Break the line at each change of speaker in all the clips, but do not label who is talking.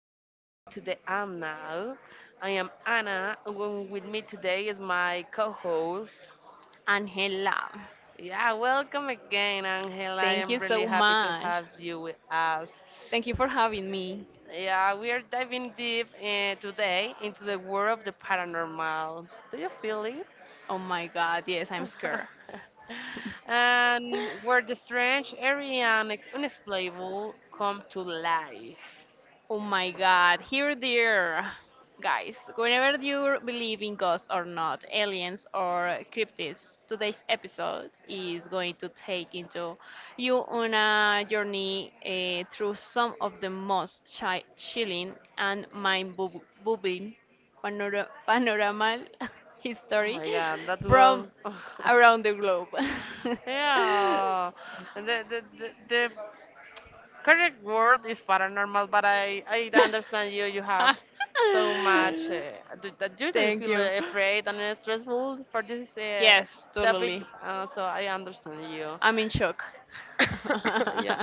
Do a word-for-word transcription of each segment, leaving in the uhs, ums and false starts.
to Into the Am Now. I am Anna, and w- with me today is my co-host.
Angela,
Yeah, welcome again, Angela. I
thank
am
you
really
so
happy to
much.
have you with us.
Thank you for having me.
Yeah, we are diving deep uh, today into the world of the paranormal. Do you feel it?
Oh my god, yes, I'm scared.
and where the strange, airy, and ex- unexplainable come to life.
Oh my god, here there. Guys, whenever you believe in ghosts or not, aliens or cryptids, today's episode is going to take into you on a journey eh, through some of the most chi- chilling and mind-boggling panora- panorama
Oh
history
my god, that
from
was.
around the globe.
Yeah, the, the, the, the correct word is paranormal, but I, I understand you. You have so much. Uh, do, that you do
Thank
feel
you.
uh, afraid and uh, stressful for this uh,
Yes,
topic,
totally.
uh, so I understand you.
I'm in shock.
yeah.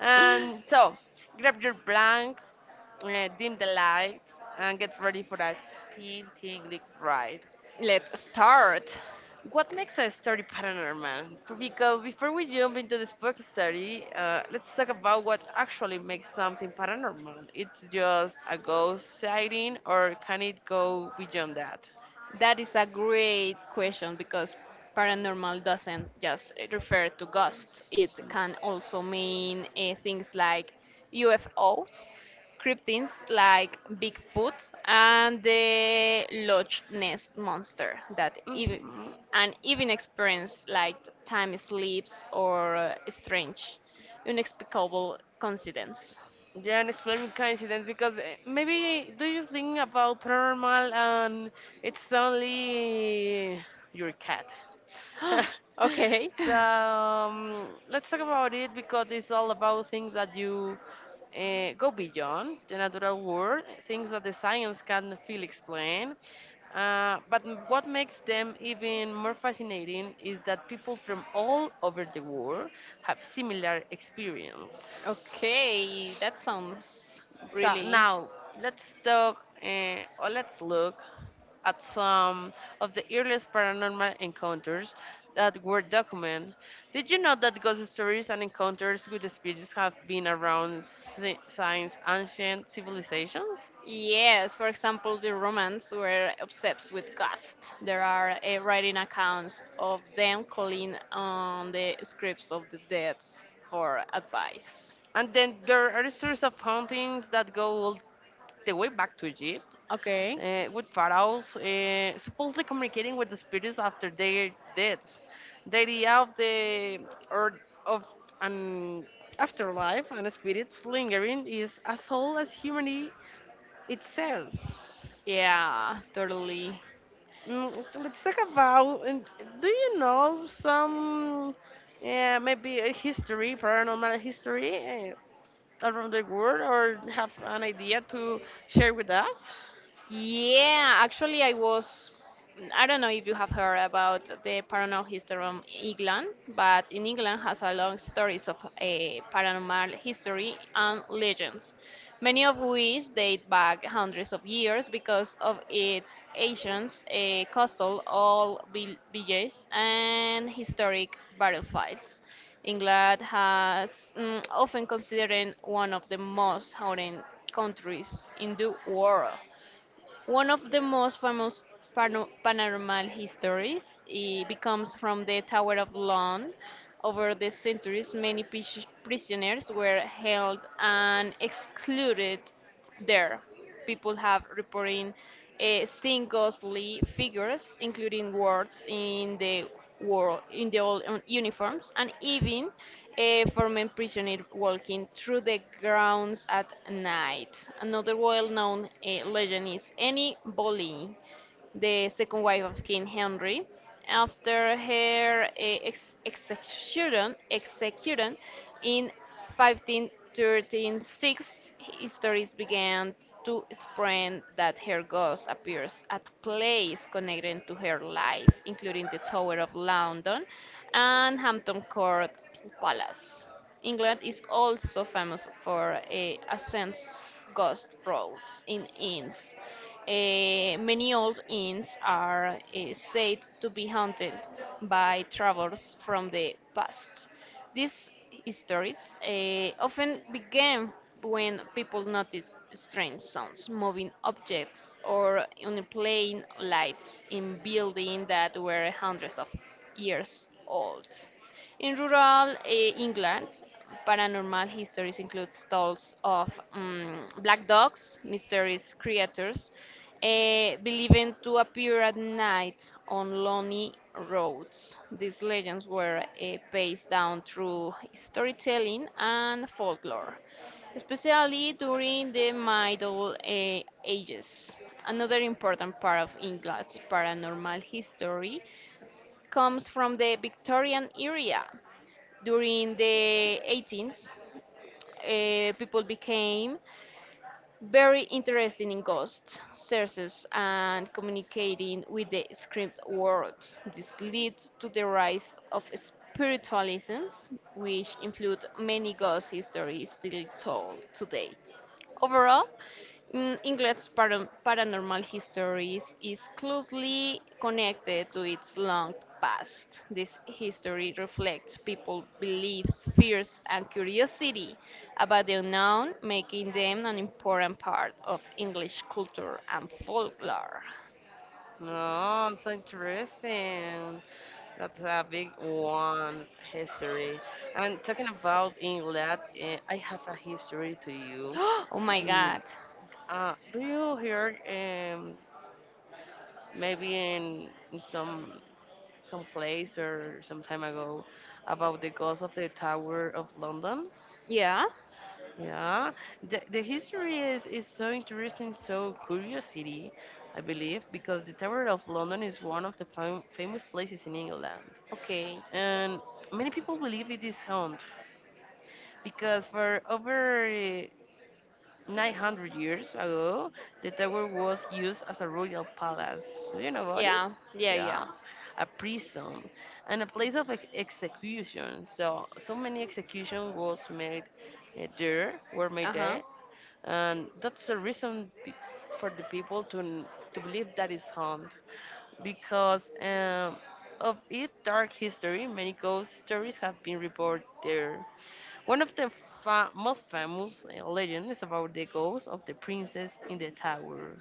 And so, grab your blanks, uh, dim the lights, and get ready for that skin tingling ride.
Let's start.
what makes a story paranormal? Because before we jump into this book study, uh, let's talk about what actually makes something paranormal. It's just a ghost sighting, or can it go beyond that?
That is a great question because paranormal doesn't just refer to ghosts. It can also mean uh, things like U F Os, cryptids like Bigfoot, and the Loch Ness monster. That even
Mhm.
and even experience like time slips or uh, strange, inexplicable coincidence.
Yeah, an explain coincidence because eh, maybe do you think about paranormal and it's only your cat?
Okay.
so um, let's talk about it because it's all about things that you uh, go beyond the natural world, things that the science can feel explain. Uh, but m- what makes them even more fascinating is that people from all over the world have similar experience.
Okay, that sounds
So
really.
now let's talk uh, or let's look at some of the earliest paranormal encounters that were documented. Did you know that ghost stories and encounters with spirits have been around si- since ancient civilizations?
Yes, for example, the Romans were obsessed with ghosts. There are uh, writing accounts of them calling on the scripts of the dead for advice.
And then there are stories of hauntings that go all the way back to Egypt.
Okay.
uh, with pharaohs uh, supposedly communicating with the spirits after their deaths. The idea of the or of an afterlife and spirits lingering is as old as humanity itself.
Yeah, totally.
Mm, let's talk about. And Do you know some? Yeah, maybe a history, paranormal history uh, around the world, or have an idea to share with us.
Yeah, actually, I was. I don't know if you have heard about the paranormal history of England, but in England has a long stories of a paranormal history and legends, many of which date back hundreds of years because of its ancient uh, coastal all vill- villages and historic battlefields. England has mm, often considered one of the most haunted countries in the world. One of the most famous pano- paranormal histories eh, becomes from the Tower of London. Over the centuries, many pis- prisoners were held and excluded there. People have reported uh, seeing ghostly figures, including wards in the world in the old un- uniforms, and even eh, for men prisoner walking through the grounds at night. Another well-known eh, legend is Annie Boleyn, the second wife of King Henry. After her uh, ex- execution, execution in fifteen thirty-six, histories began to spread that her ghost appears at places connected to her life, including the Tower of London and Hampton Court Palace. England is also famous for eh, ancient ghost roads in inns. Eh, many old inns are eh, said to be haunted by travelers from the past. These stories eh, often began when people noticed strange sounds, moving objects, or unexplained lights in buildings that were hundreds of years old. In rural eh, England, paranormal histories include tales of mm, black dogs, mysterious creatures, eh, believed to appear at night on lonely roads. These legends were eh, passed down through storytelling and folklore, especially during the Middle eh, Ages. Another important part of England's paranormal history comes from the Victorian era during the eighteenth, uh, people became very interested in ghosts, sources, and communicating with the script world. This led to the rise of spiritualisms, which include many ghost stories still told today. Overall, mm, England's para- paranormal history is, is closely connected to its long past. This history reflects people's beliefs, fears, and curiosity about the unknown, making them an important part of English culture and folklore.
No, so interesting. That's a big one history. And talking about England, uh, I have a history to you.
Oh my
Mm,
god.
Uh, do you hear um, maybe in in some some place or some time ago about the ghost of the Tower of London?
Yeah?
Yeah, the, the history is, is so interesting, so curiosity, I believe, because the Tower of London is one of the fam- famous places in England.
Okay.
And many people believe it is haunted because for over eh, nine hundred years ago, the tower was used as a royal palace. Do you know about it?
Yeah, yeah, yeah.
Yeah, a prison and a place of ex- execution. So, so many execution was made eh, there, were made
Uh huh.
there, and that's the reason pe- for the people to n- to believe that is haunted because um, of its dark history. Many ghost stories have been reported there. One of the fa- most famous uh, legends is about the ghost of the princess in the tower.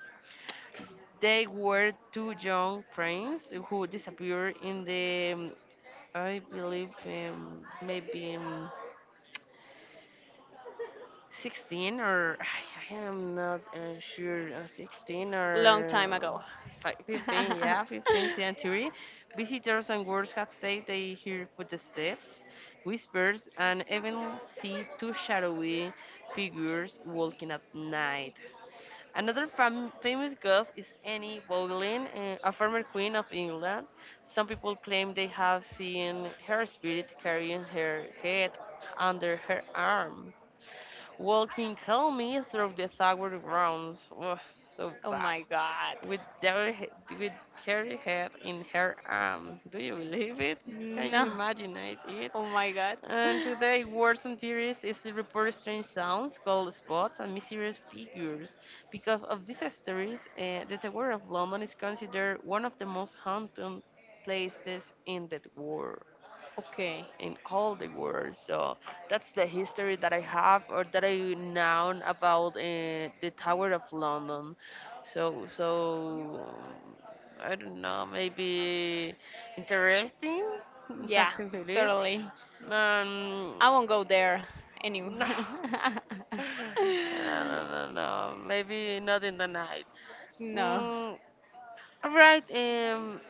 They were two young princes who disappeared in the, um, I believe, um, maybe. Um, sixteen or I am not uh, sure uh, sixteen or
Long time
uh,
ago.
fi- fifteen, yeah, fifteenth century. Visitors and guards have said they hear footsteps, whispers, and even see two shadowy figures walking at night. Another fam- famous ghost is Annie Boleyn, uh, a former queen of England. Some people claim they have seen her spirit carrying her head under her arm. Walking calmly through the Tower grounds. Ugh, so
Oh
bad.
my god.
With their he- with her head in her arm. Do you believe it? Can you
No.
imagine it? it?
Oh my god.
And today, words and theories is to report strange sounds, cold spots, and mysterious figures. Because of these stories, uh, the Tower of London is considered one of the most haunted places in the world,
Okay.
in all the world. So that's the history that I have or that I know about uh, the Tower of London. So so um, I don't know, maybe interesting. I
Yeah,
believe.
totally.
Um,
I won't go there anyway.
no, I don't know. No, maybe not in the night.
No.
Mm, all right. Um,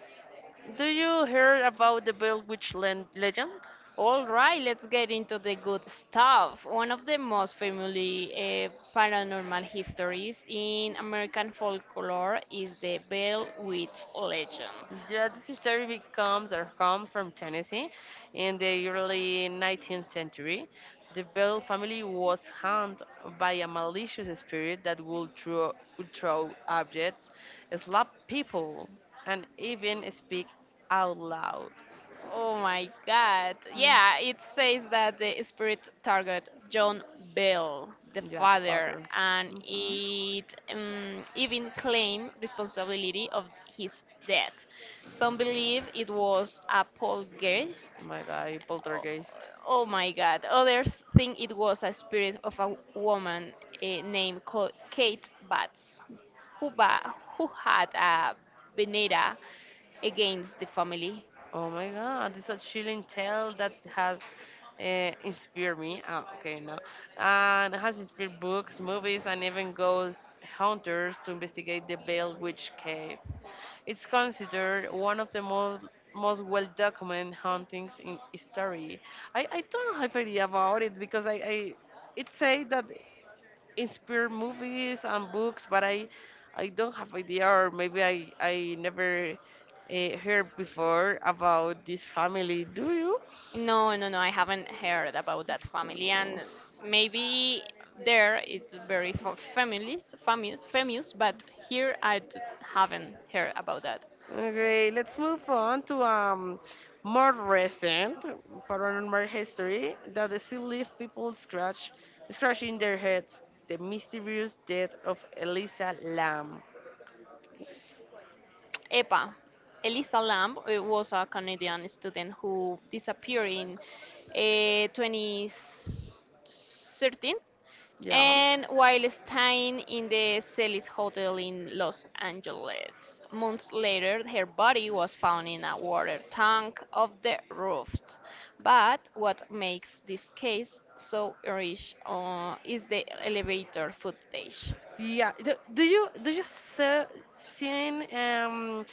do you hear about the Bell Witch len- legend?
All right, let's get into the good stuff. One of the most famous uh, paranormal histories in American folklore is the Bell Witch legend.
Yeah, this story becomes or come from Tennessee in the early nineteenth century. The Bell family was harmed by a malicious spirit that would throw, would throw objects, slap people, and even speak out loud.
Oh my God.
Yeah.
Yeah, it says that the spirit target John Bell, the
Yeah, the
father,
father.
and
hmm Oh,
it um, even claimed responsibility of his death. Some believe it was a poltergeist.
my guy,
Oh
poltergeist.
oh my God. Others think it was a spirit of a woman eh, named Co- Kate Batts, who, ba- who had a vendetta against the family.
Oh my God, this is a chilling tale that has uh, inspired me. Oh, okay, no. And has inspired books, movies, and even ghost hunters to investigate the Bell Witch Cave. It's considered one of the most most well documented hauntings in history. I, I don't have idea about it because I, I it say that inspired movies and books, but I I don't have idea or maybe I I never uh, heard before about this family. Do you?
No, no, no, I haven't heard about that family, and maybe there it's very fa- famous, famous, famous, but here I d- haven't heard about that.
Okay, let's move on to um more recent paranormal history that they still leave people scratch scratching their heads. The mysterious death of Elisa Lam.
E P A. Elisa Lamb uh, was a Canadian student who disappeared in uh, twenty thirteen
Yeah.
and while staying in the Celis Hotel in Los Angeles. Months later, her body was found in a water tank of the roof. But what makes this case so rich uh, is the elevator footage.
Yeah. Do, do you do you se- seen um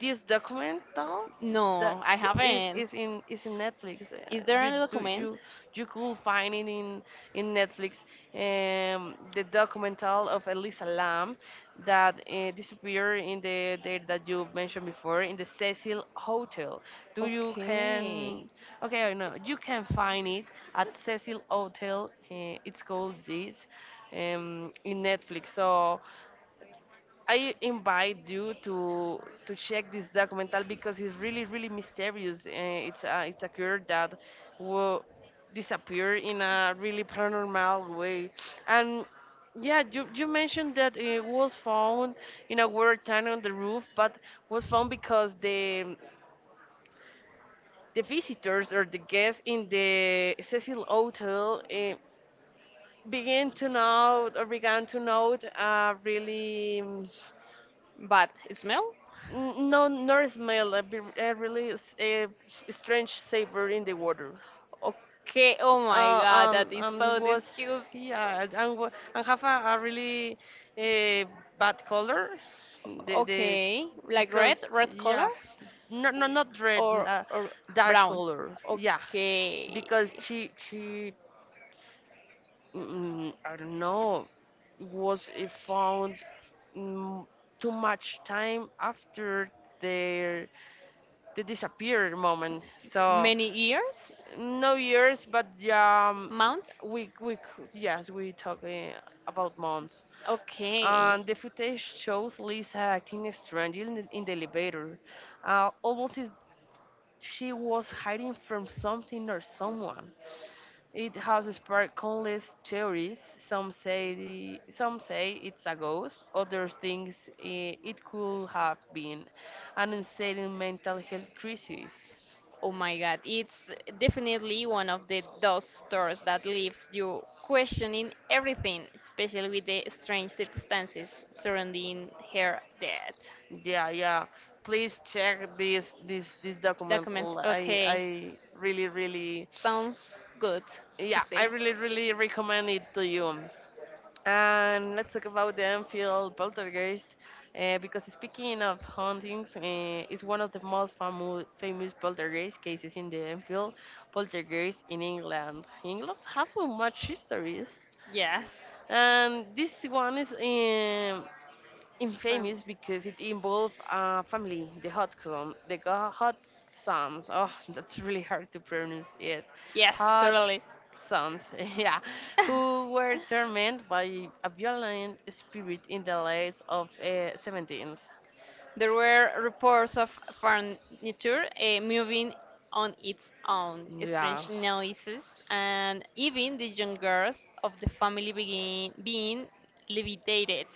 this documental that
No, I
th- is
haven't.
is in is in Netflix? Uh,
Is there
you
any
do
document?
you you could find it in in Netflix. Um, the documental of Elisa Lam that uh, disappeared in the there that you mentioned before in the Cecil Hotel. Do you
Okay.
can, okay, no, you can find it at Cecil Hotel. Uh, it's called this, um, in Netflix. So I invite you to to check this documental because it's really really mysterious. Uh, it's a it's a girl that will disappear in a really paranormal way, and yeah, you you mentioned that it was found in a weird time on the roof, but was found because the the visitors or the guests in the Cecil Hotel. Uh, began to note or began to note a really
But smell?
N- No, nor smell a, b- a really s- a strange savor in the water.
Okay. Oh my
Uh,
God, that
um,
is
um, it
so
was,
disgusting.
yeah, and, wa- and have a, a really uh, bad color. The the
Okay. Like
because,
red, red color,
yeah, no no not red,
or
uh,
or
dark
brown?
color. Yeah,
Okay.
because she she mm, I don't know, was uh, found, mm, too much time after their the disappear moment. So
Many ears?
no years, but yeah, um,
Mount?
we we c- yes, we talk uh, about months.
Okay.
And the footage shows Lisa acting strangely in the, in the elevator, uh, almost as she was hiding from something or someone. It has sparked countless theories. Some say the, some say it's a ghost. Others think eh, it could have been an insane mental health crisis.
Oh my God, it's definitely one of the those stores that leaves you questioning everything, especially with the strange circumstances surrounding her death.
Yeah, yeah. Please check this this this document.
Document,
L- I I
okay,
really really
sounds good to
yeah, I
see.
really really recommend it to you. And let's talk about the Enfield Poltergeist, uh, because speaking of hauntings, uh, it's one of the most famu- famous poltergeist cases in the Enfield Poltergeist in England. England have so much histories,
Yes,
and this one is um
fine.
infamous because it involved a family, the Hodgson, the Go- Hodgsons. Oh, that's really hard to pronounce it.
Yes, totally.
Hodgsons, yeah, who were tormented by a violent spirit in the late of uh, seventeenth.
There were reports of furniture uh, moving on its own,
Yeah.
strange noises, and even the young girls of the family begin, being levitated.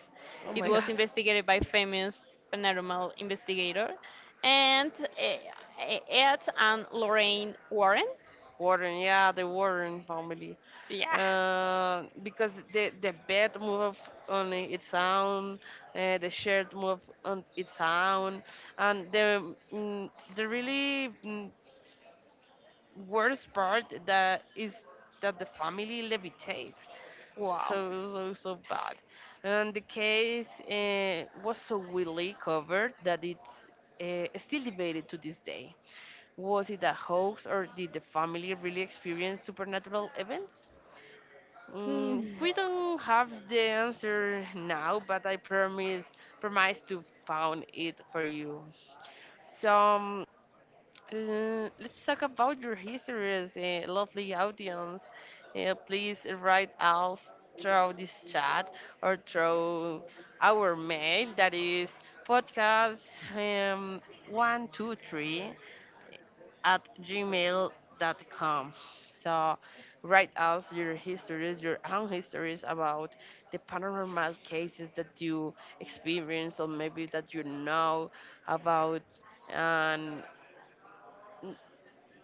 Oh
It
my
was
God.
investigated by famous paranormal investigator and uh, Ed and Lorraine Warren.
Warren, yeah, the Warren family.
Yeah,
uh, because the the bed move on its own, uh, the shirt move on its own, and the mm, the really mm, worst part that is that the family levitate. So
wow.
so so bad, and the case uh, was so widely covered that it's. Uh, still debated to this day. Was it a hoax or did the family really experience supernatural events? Mm,
Hmm.
we don't have the answer now, but I promise promise to find it for you. So um, l- let's talk about your histories, uh, lovely audience. Uh, please write us through this chat or through our mail that is podcast um, one two three at gmail dot com. So write us your histories, your own histories about the paranormal cases that you experience or maybe that you know about, and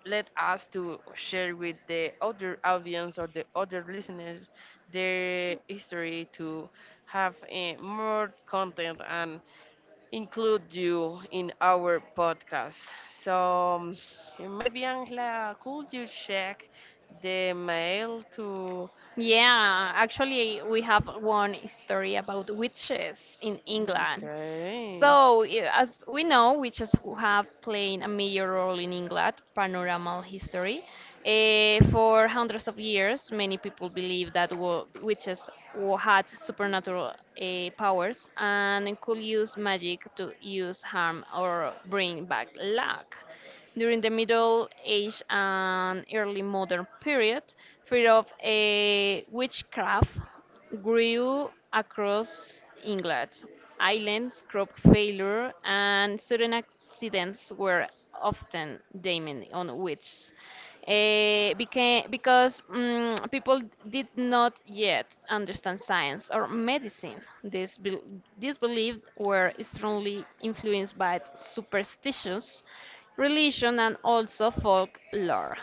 let us to share with the other audience or the other listeners their history to have eh, more content and include you in our podcast. So um, maybe Angela, could you check the mail to?
Yeah, actually, we have one story about witches in England.
Okay,
So, yeah, as we know, witches who have played a major role in England paranormal history. Eh, for hundreds of years, many people believe that wo- witches wo- had supernatural eh, powers and could use magic to use harm or bring back luck. During the Middle Age and early modern period, fear of eh, witchcraft grew across England. Islands, crop failure, and sudden accidents were often blamed on which eh, became, because mm, people did not yet understand science or medicine. These, bel these beliefs were strongly influenced by superstitions, religion, and also folklore.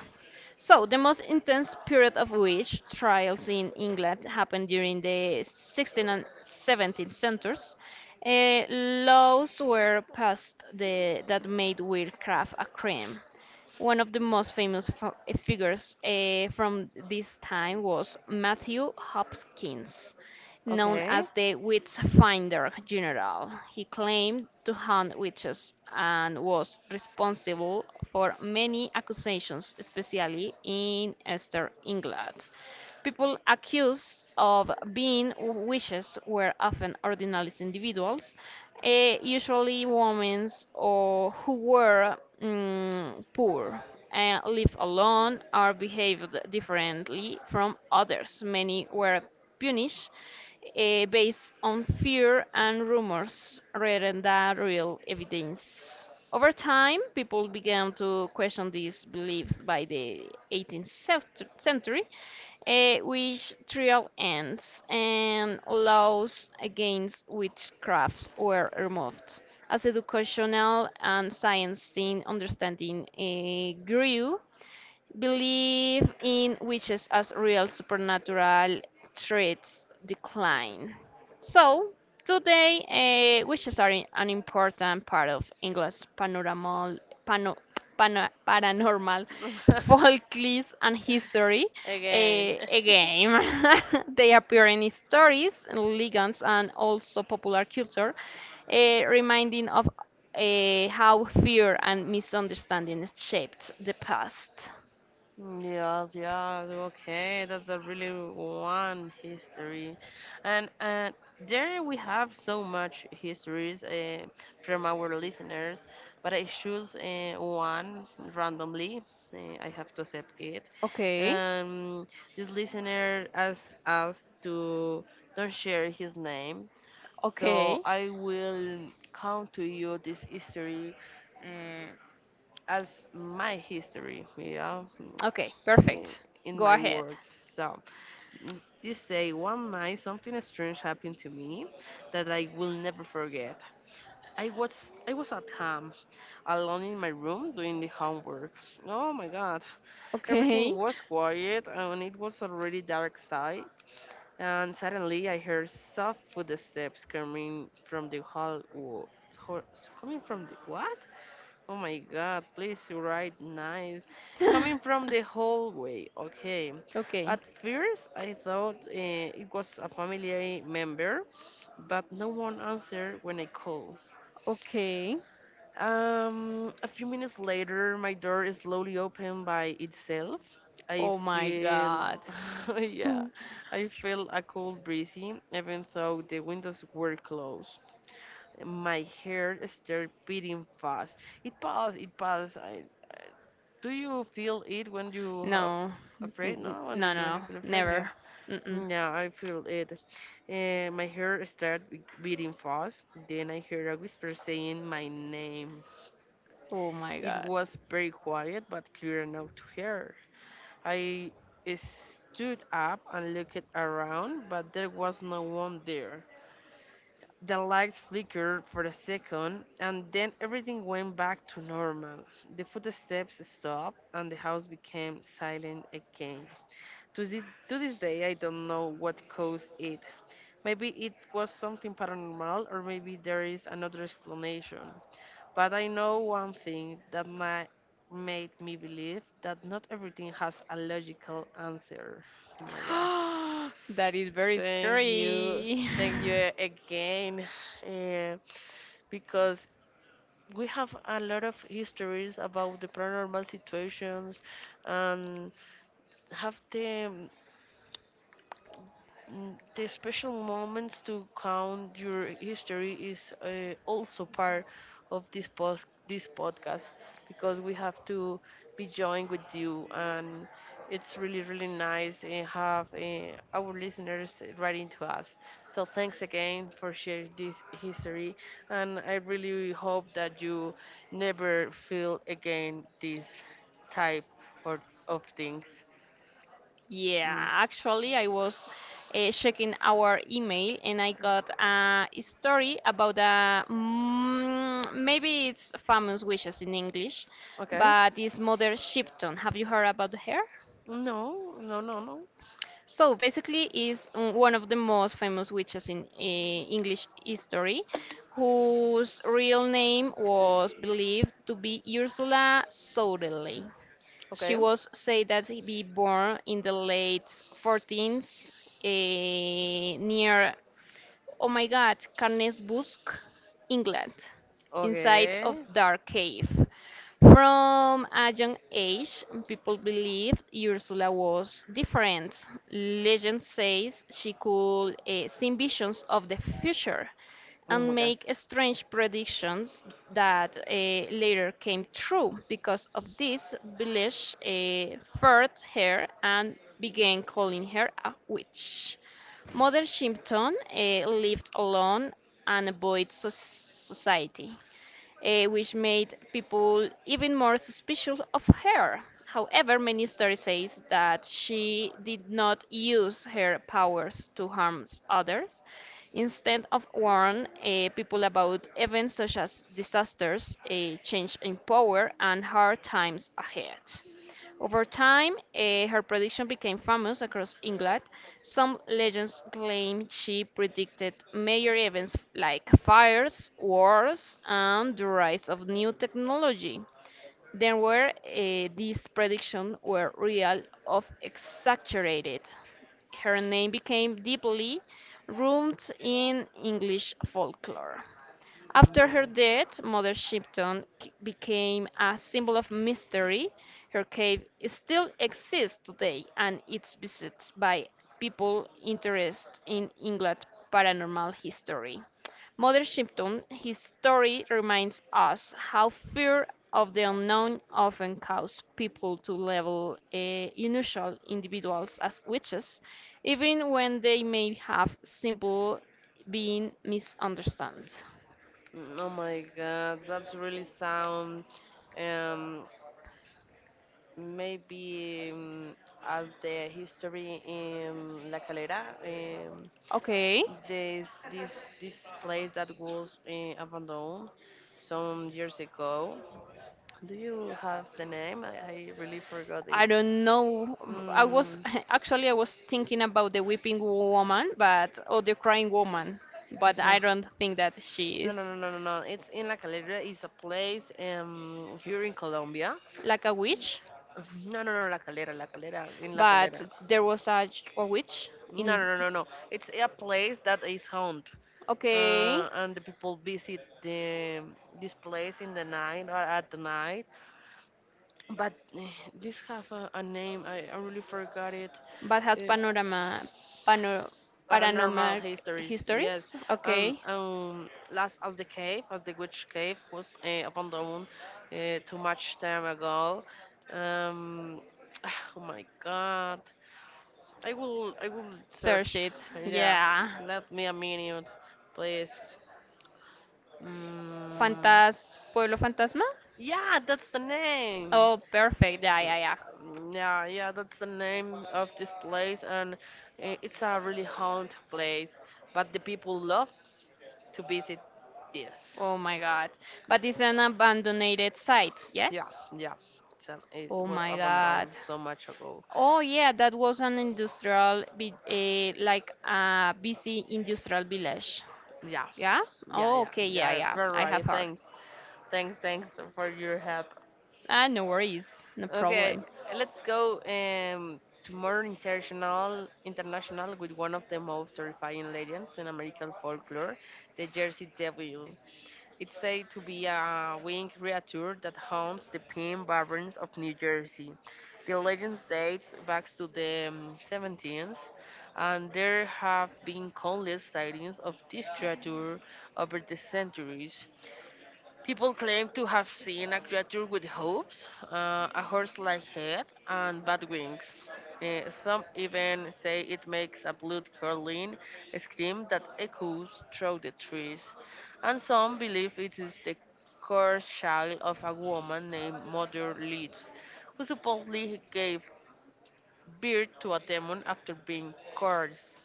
So, the most intense period of witch trials in England happened during the sixteenth and seventeenth centuries. Eh, laws were passed the, that made witchcraft a crime. One of the most famous f- figures eh, from this time was Matthew Hopkins, known
okay.
as the Witch Finder General. He claimed to hunt witches and was responsible for many accusations, especially in Eastern England. People accused of being witches were often ordinary individuals, eh, usually women or who were mm, poor and lived alone or behaved differently from others. Many were punished eh, based on fear and rumors rather than real evidence. Over time, people began to question these beliefs by the eighteenth cent- century, eh, which trial ends and laws against witchcraft were removed. As educational and science in understanding eh, grew, belief in witches as real supernatural threats decline. So, today, uh, witches are i- an important part of English panoramal, pano, pano, paranormal folklore and history.
Again.
Uh, again, they appear in stories, legends, and also popular culture, uh, reminding of uh, how fear and misunderstanding shaped the past.
Yes, yes, yeah, okay, that's a really one history, and and there we have so much histories uh, from our listeners, but I choose uh, one randomly. Uh, I have to accept it.
Okay.
Um, this listener asked us to don't share his name, so
Okay.
I will count to you this history. Uh, as my history, yeah, mm,
Okay.
in,
Perfect.
in
Go
my
ahead.
words. So mm, they say one night something strange happened to me that I will never forget. I was I was at home alone in my room doing the homework. Oh my God! Everything
Okay.
was quiet and it was already dark side. And suddenly I heard soft footsteps coming from the hall. wo- ho- Coming from the what? Oh my God, please write nice. Coming from the hallway, okay.
Okay.
At first, I thought eh, it was a family member, but no one answered when I called.
Okay.
Um, a few minutes later, my door is slowly opened by itself. I
Oh my
feel,
God.
yeah, I feel a cold breezy, even though the windows were closed. My hair started beating fast. It passed, it passed. I, do you feel it when you have
No. N-
afraid? No,
n-
when
no,
you when you
no.
feel afraid, yeah.
Never. Mm-mm.
Yeah, I feel it. Eh, my heart started be- beating fast. Then I heard a whisper saying my name.
Oh my
It
God.
was very quiet but clear enough to hear. I stood up and looked around, but there was no one there. The lights flickered for a second, and then everything went back to normal. The footsteps stopped, and the house became silent again. To this to this day, I don't know what caused it. Maybe it was something paranormal, or maybe there is another explanation. But I know one thing that my, made me believe that not everything has a logical answer. Oh my god!
That is very
Thank you,
scary.
thank you eh, again, Eh, because we have a lot of histories about the paranormal situations and have them. Mm, the special moments to count your history is uh, also part of this post this podcast because we have to be joined with you, and it's really really nice and have uh, our listeners writing to us. So thanks again for sharing this history, and I really hope that you never feel again this type or of things.
Yeah,
Mm.
actually, I was uh, checking our email and I got a story about a mm, maybe it's famous wishes in English,
okay
but it's Mother Shipton. Have you heard about her?
no, no, no, no.
So basically, is mm, one of the most famous witches in uh, English history, whose real name was believed to be Ursula Soderley. She
Okay.
was said that he be born in the late fourteenth eh, near oh my god, Carnesbusk, England, inside of
Okay.
Dark Cave. From a young age, people believed Ursula was different. Legend says she could eh, see visions of the future
Oh my
and
god.
make strange predictions that eh, later came true. Because of this, village eh, feared her and began calling her a witch. Mother Shipton eh, lived alone and avoided soc- society, eh, which made people even more suspicious of her. However, many stories say that she did not use her powers to harm others. Instead of warn eh, people about events such as disasters, eh, change in power, and hard times ahead. Over time, eh, her prediction became famous across England. Some legends claim she predicted major events like fires, wars, and the rise of new technology. There were uh, These predictions were real of exaggerated. Her name became deeply rooted in English folklore.
Oh my
After her
god.
death, Mother Shipton k- became a symbol of mystery. Her cave still exists today and it's visited by people interested in England paranormal history. Mother Shipton, his story reminds us how fear of the unknown often causes people to label eh, unusual individuals as witches, even when they may have simple been misunderstood.
Mm. Oh my god, that's really sound. Um, maybe um, as the history in La Calera, um,
Okay.
there's this this place that was uh, abandoned some years ago. Do you have the name? I, I really forgot it.
I don't know. I was
Mm,
actually I was thinking about the weeping woman, but or the crying woman, but
no.
I don't think that she
No, no,
is
no, no, no, no. It's in La Calera. It's a place um here in Colombia.
like a witch.
No, no, no, La Calera, La Calera, in La
But
Calera.
there was a ch- a witch
No,
in.
no, no, no, no. It's a place that is haunted,
Okay,
uh, and the people visit the this place in the night or at the night. But eh, this have a, a name. I, I really forgot it.
but has
Eh,
panorama, panor,
paranormal
paranormal
histories. Yes,
histories.
um,
Okay,
um, last as the cave, as the witch cave was uh, abandoned uh, too much time ago. Um, oh my God, I will, I will
search
search.
it.
Yeah,
Yeah,
let me a minute, please. Mm,
Fantas Pueblo Fantasma.
yeah, that's the name.
Oh, perfect. Yeah, yeah, yeah.
Um, Yeah, yeah, that's the name of this place, and i- it's a really haunted place. But the people love to visit this.
Oh my God. But it's an abandoned site.
Yeah,
Yes.
yeah. So it
Oh
was
my God.
abandoned so much ago.
Oh yeah, that was an industrial, vi- eh, like a busy industrial village.
Yeah,
Yeah?
yeah,
Oh,
yeah.
okay, yeah,
Yeah,
yeah.
very
I have
right.
heard.
Thanks, thanks, thanks for your help.
Ah, no worries. No
Okay,
problem.
let's go um, to more international, international with one of the most terrifying legends in American folklore, the Jersey Devil. It's said to be a winged creature that haunts the pine barrens of New Jersey. The legend dates back to the um, seventeenth, and there have been countless sightings of this creature over the centuries. People claim to have seen a creature with hooves, uh, a horse-like head, and bat wings. Uh, some even say it makes a blood-curdling scream that echoes through the trees, and some believe it is the cursed child of a woman named Mother Leeds, who supposedly gave birth to a demon after being cursed.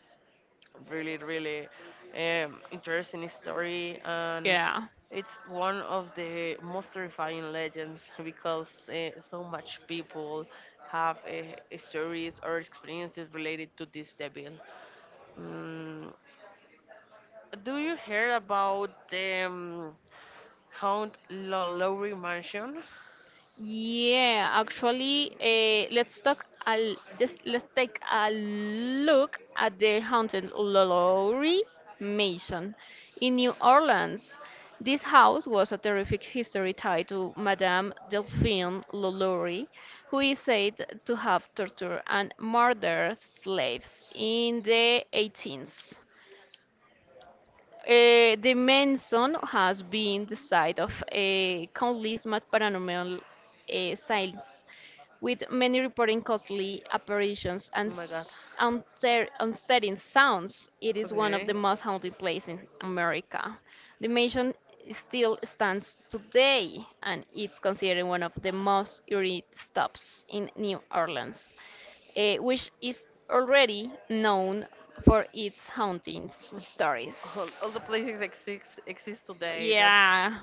Really, really um, interesting story, and
Yeah.
it's one of the most terrifying legends because uh, so much people have uh, stories or experiences related to this devil. Mm, do you hear about the um, Haunt Lo- Lowry Mansion?
Yeah, actually, uh, let's talk a l- just let's take a look at the haunted Lowry Mansion in New Orleans. This house was a terrific history tied to Madame Delphine Lalaurie, who is said to have tortured and murdered slaves in the eighteenth. Uh, the Manson has been the site of a countless ma- paranormal uh, sightings, with many reporting costly apparitions
Oh
and
my God.
s- unter- unsettling sounds. It is one of the
Okay.
most haunted places in America. The mansion still stands today, and it's considered one of the most eerie stops in New Orleans eh, which is already known for its haunting s-
All, all
stories.
the places exist exist today. That's
Yeah,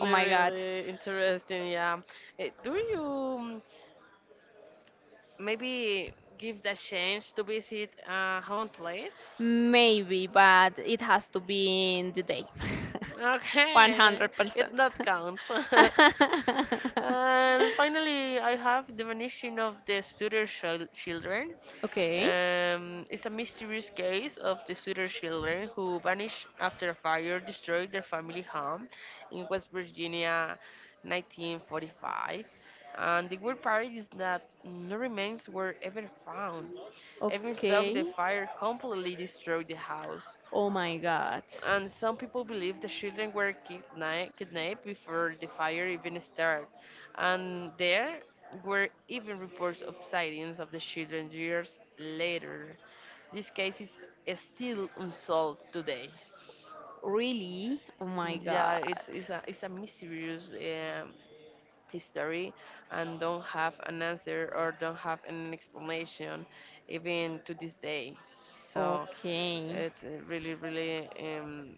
oh my god.
really interesting. Yeah. Eh, do you maybe give the chance to visit a home place.
Maybe, but it has to be in the day.
Okay, it
one hundred percent.
not counts. And finally, I have the vanishing of the Sutter chil- children.
Okay,
Um, it's a mysterious case of the Sutter children who vanished after a fire destroyed their family home in West Virginia, nineteen forty-five. And the weird part is that no remains were ever found, even though the
okay.
fire completely destroyed the house.
Oh my god.
And some people believe the children were kidna- kidnapped before the fire even started. And there were even reports of sightings of the children years later. This case is is still unsolved today.
Really? Oh my
Yeah,
god.
it's, it's, a, it's a mysterious um, history and don't have an answer or don't have an explanation even to this day. So
Okay.
it's uh, really, really um,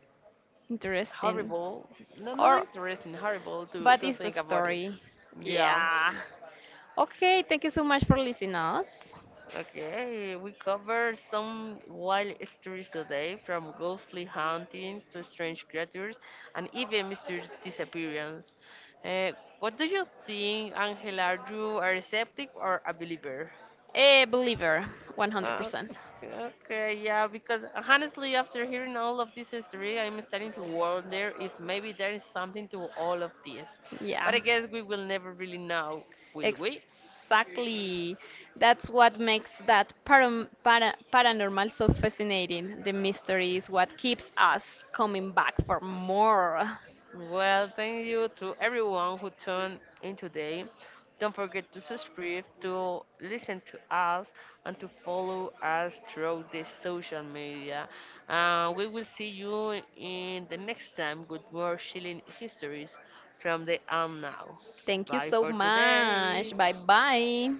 Interesting.
horrible. No, not
Or
interesting. Horrible to
But
to
it's a
think about it.
story.
Yeah.
Yeah. Okay, thank you so much for listening us.
Okay, we covered some wild stories today, from ghostly hauntings to strange creatures, and even mysterious disappearance. Uh, what do you think, Angela? Are you are a skeptic or a believer?
A believer, one hundred percent.
Okay, okay, yeah, because honestly, after hearing all of this history, I'm starting to wonder if maybe there is something to all of this. But
Yeah,
I guess we will never really know, will we?
exactly. That's what makes that param- para- paranormal so fascinating. The mystery is what keeps us coming back for more.
Well, thank you to everyone who tuned in today. Don't forget to subscribe, to listen to us, and to follow us through the social media. Uh, we will see you in the next time with more chilling histories from the um now.
Thank you
Bye
so
for today.
much. Bye bye.